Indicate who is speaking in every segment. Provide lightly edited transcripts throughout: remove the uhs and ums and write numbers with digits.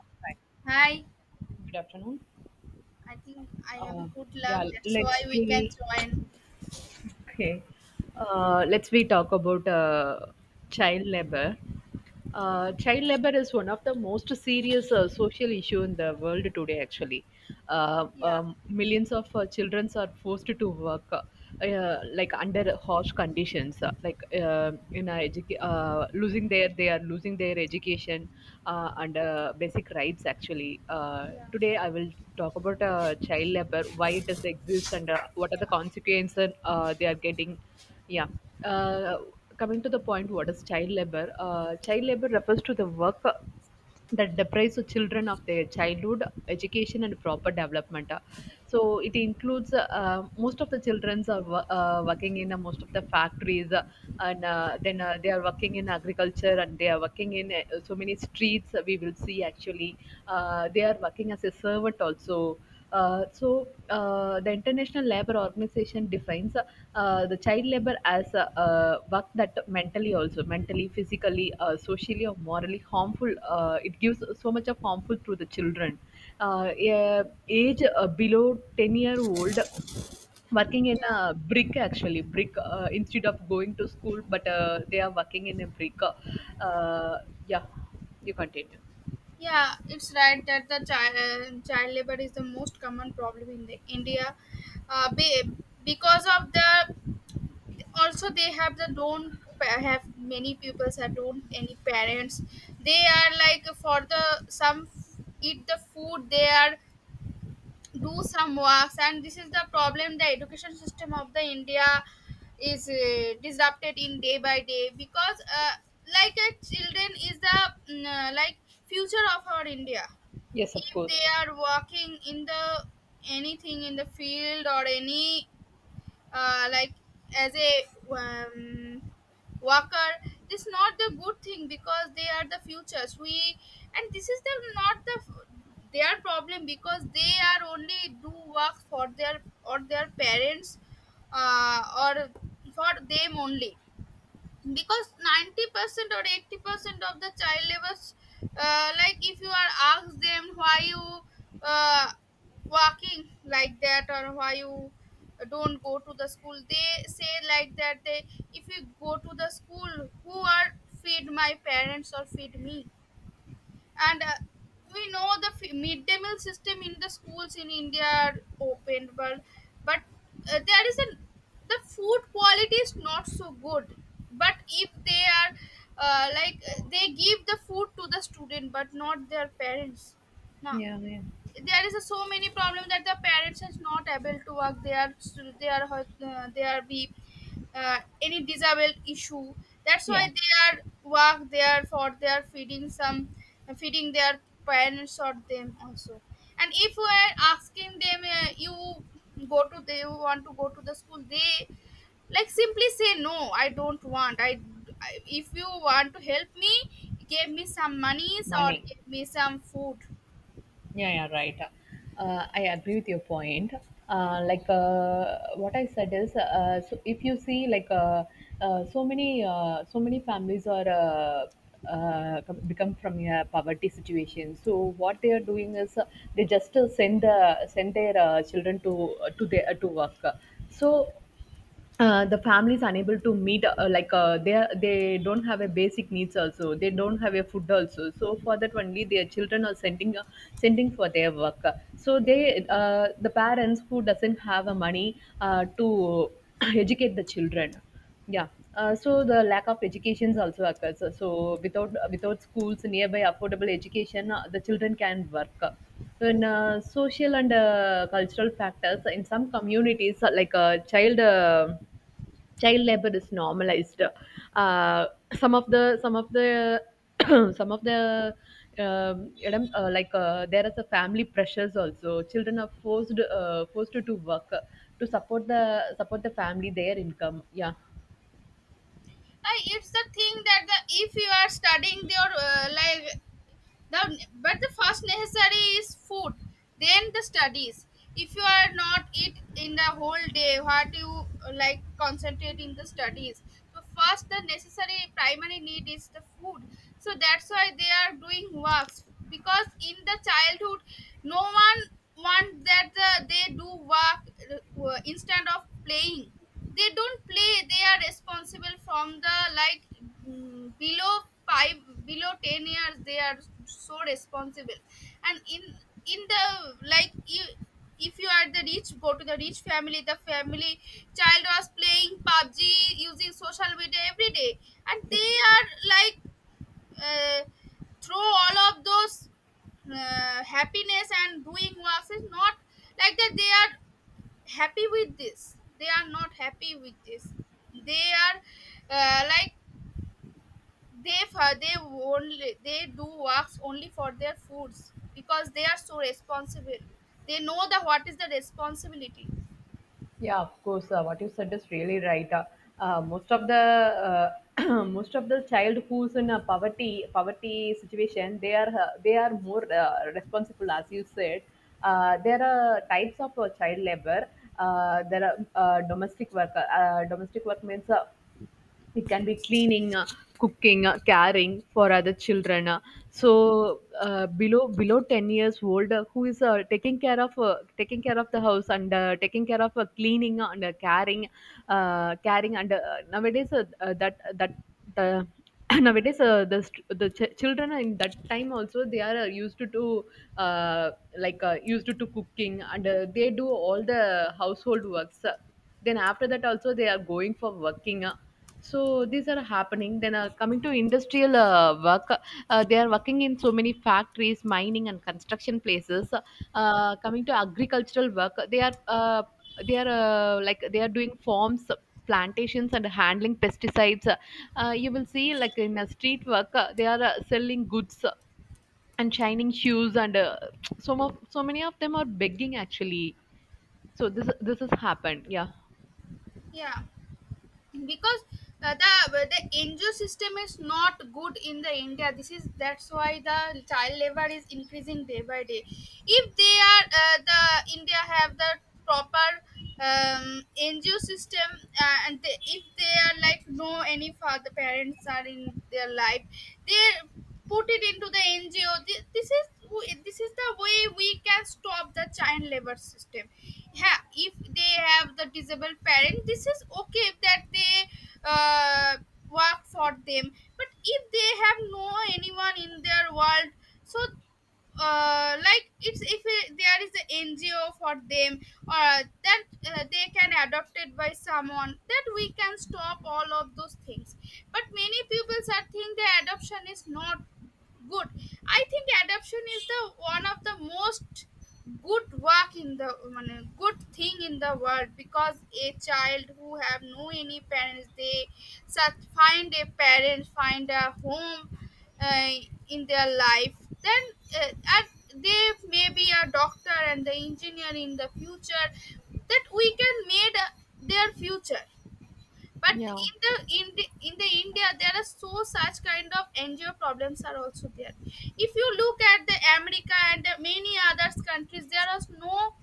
Speaker 1: Hi,
Speaker 2: Hi,
Speaker 1: good afternoon.
Speaker 2: I think I have a
Speaker 1: Uh,
Speaker 2: good
Speaker 1: yeah,
Speaker 2: luck. That's
Speaker 1: let's
Speaker 2: why we can
Speaker 1: we
Speaker 2: join.
Speaker 1: okay. Let's we talk about child labor.
Speaker 2: Yeah.
Speaker 1: Child labor is one of the most serious social issue in the world today actually.
Speaker 2: Yeah,
Speaker 1: Millions of children are forced to work, like under harsh conditions, like in a educa- losing their they are losing their education and basic rights actually.
Speaker 2: yeah.
Speaker 1: Today I will talk about child labor, why it does exist, and what are
Speaker 2: Yeah,
Speaker 1: the consequences they are getting. Yeah. Uh, coming to the point, what is child labor? Child labor refers to the work that deprives the children of their childhood education and proper development. So it includes, most of the childrens are working in most of the factories, and then they are working in agriculture, and they are working in, so many streets. We will see actually they are working as a servant also. So the International Labour Organization defines the child labour as work that mentally, physically, socially or morally harmful. It gives so much of harmful to the children. Yeah, age below 10 year old, working in
Speaker 2: yeah.
Speaker 1: a brick instead of going to school, but they are working in a brick. uh, yeah, you continue.
Speaker 2: Yeah, it's right that the child labor is the most common problem in the India, uh, be, because of the also they have the don't pa- have many pupils that don't any parents. They are like for the some eat the food. They are do some works, and this is the problem. The education system of the india is disrupted in day by day because like a children is the like future of our india.
Speaker 1: Yes, of
Speaker 2: If they
Speaker 1: course.
Speaker 2: are working in the anything in the field or any like as a um, worker, this not the good thing because they are the futures we, and this is the not the their problem because they are only do work for their or their parents, or for them only. Because 90% or 80% of the child labor, like, if you are asked them why you uh, walking like that, or why you don't go to the school, they say like that they, if you go to the school, who are feed my parents or feed me? And we know the midday meal system in the schools in india are opened, but there is a, the food quality is not so good. But if they are like, they give the food to the student but not their parents. Now
Speaker 1: Yeah, yeah.
Speaker 2: there is a so many problem that the parents is not able to work. They are they are be any disabled issue. That's why
Speaker 1: Yeah.
Speaker 2: they are work there, for they are feeding some, feeding their parents or them also. And if we are asking them, you go to they want to go to the school. They like simply say no, I don't want. I, if you want to help me, give me some monies or
Speaker 1: Money.
Speaker 2: give me some food.
Speaker 1: Yeah, yeah, right. I agree with your point. What I said is, so if you see, so many, so many families are, become from a poverty situation. So what they are doing is, they just send their children to their to work. So the families unable to meet, they are, they don't have a basic needs also, they don't have a food also, so for that only their children are sending, sending for their work. So they, the parents who doesn't have a money to educate the children. Yeah. So the lack of educations also occurs, so without, without schools nearby affordable education, the children can work in, social and cultural factors in some communities, like a child child labor is normalized. Uh, some of the some of the you like There is a family pressures also, children are forced to work to support the family their income. Yeah.
Speaker 2: It's the thing that, the, if you are studying your, like, the, but the first necessary is food, then the studies. If you are not eat in the whole day, what you, like, concentrate in the studies. So first the necessary primary need is the food. So that's why they are doing works, because in the childhood no one want that, they do work, instead of playing. They don't play. They are responsible from the, like, below 5, below 10 years, they are so responsible. And in the, like, you, if you are the rich, go to the rich family, the family child was playing pubg, using social media every day. And they are, like, uh, throw all of those, happiness, and doing works is not like that. They are happy with this, they are not happy with this. They are, like, they for they only, they do works only for their foods, because they are so responsible. They know the what is the responsibility.
Speaker 1: Yeah, of course. What you said is really right. Most of the, most of the child who's in a poverty situation, they are, they are more responsible, as you said. There are types of child labor. There are, domestic work. Domestic work means, it can be cleaning, cooking, caring for other children. Below below 10 years old, who is, taking care of the house, and taking care of, cleaning, and caring caring and nowadays, that that the nowadays the st- the ch- children in that time also, they are used to do uh, used to cooking, and they do all the household works, then after that also they are going for working. So these are happening. Then, coming to industrial work, they are working in so many factories, mining, and construction places. Coming to agricultural work, they are, they are doing farms, plantations, and handling pesticides. You will see like in a street work, they are, selling goods and shining shoes, and so many of them are begging actually. So this has happened. Yeah.
Speaker 2: Yeah, because the NGO system is not good in the India. This is, that's why the child labor is increasing day by day. If they are, the India have the proper, NGO system, and they, if they are, like, no any father parents are in their life, they put it into the NGO. This is, this is the way we can stop the child labor system. Yeah, if they have the disabled parent, this is okay that they, uh, work for them. But if they have no anyone in their world, so, like, it's, if it- there is an NGO for them, or that, they can adopt it by someone, that we can stop all of those things. But many people are think the adoption is not good. I think adaptation is the one of the most good work in the মানে, good thing in the world, because a child who have no any parents, they such find a parent, find a home, uh, in their life. Then, uh, and they may be a doctor and the engineer in the future, that we can made, their future. But
Speaker 1: Yeah.
Speaker 2: in the India, there are so such kind of NGO problems are also there. If you look at the America and the many other countries, there are no,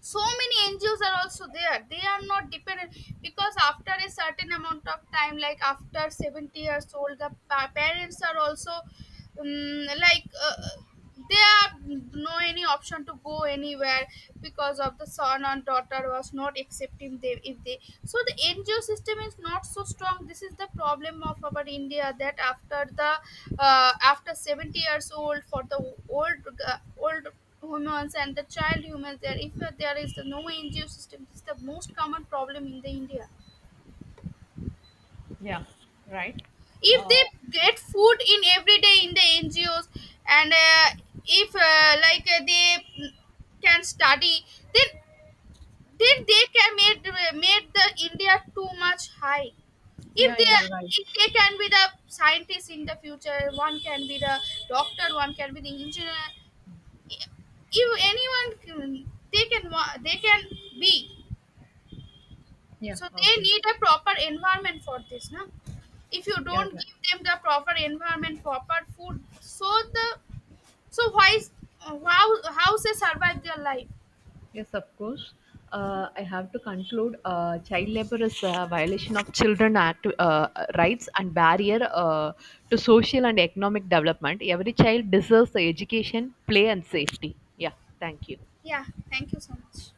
Speaker 2: so many NGOs are also there. They are not dependent, because after a certain amount of time, like after 70 years old, the parents are also, like, they are, no any option to go anywhere, because of the son and daughter was not accepting them. If they, so the ngo system is not so strong. This is the problem of our india that after the, after 70 years old, for the old, uh, old humans and the child humans, there, if there is no ngo system, this is the most common problem in the india.
Speaker 1: Yeah, right.
Speaker 2: If
Speaker 1: Uh,
Speaker 2: they get food in every day in the ngos, and if, like, they, can study, then, they can make, made the india too much high. if
Speaker 1: yeah, yeah,
Speaker 2: they
Speaker 1: right.
Speaker 2: if they can be the scientists in the future, one can be the doctor, one can be the engineer. If anyone can, they can, they can be.
Speaker 1: Yeah,
Speaker 2: So they
Speaker 1: okay.
Speaker 2: need a proper environment for this, no? If you
Speaker 1: Yeah,
Speaker 2: don't
Speaker 1: right.
Speaker 2: give them the proper environment, proper food, so the, so why is, how they survive their life?
Speaker 1: Yes, of course. I have to conclude, child labor is a violation of children act, rights, and barrier to social and economic development. Every child deserves the education, play, and safety. Yeah, thank you.
Speaker 2: Yeah, thank you so much.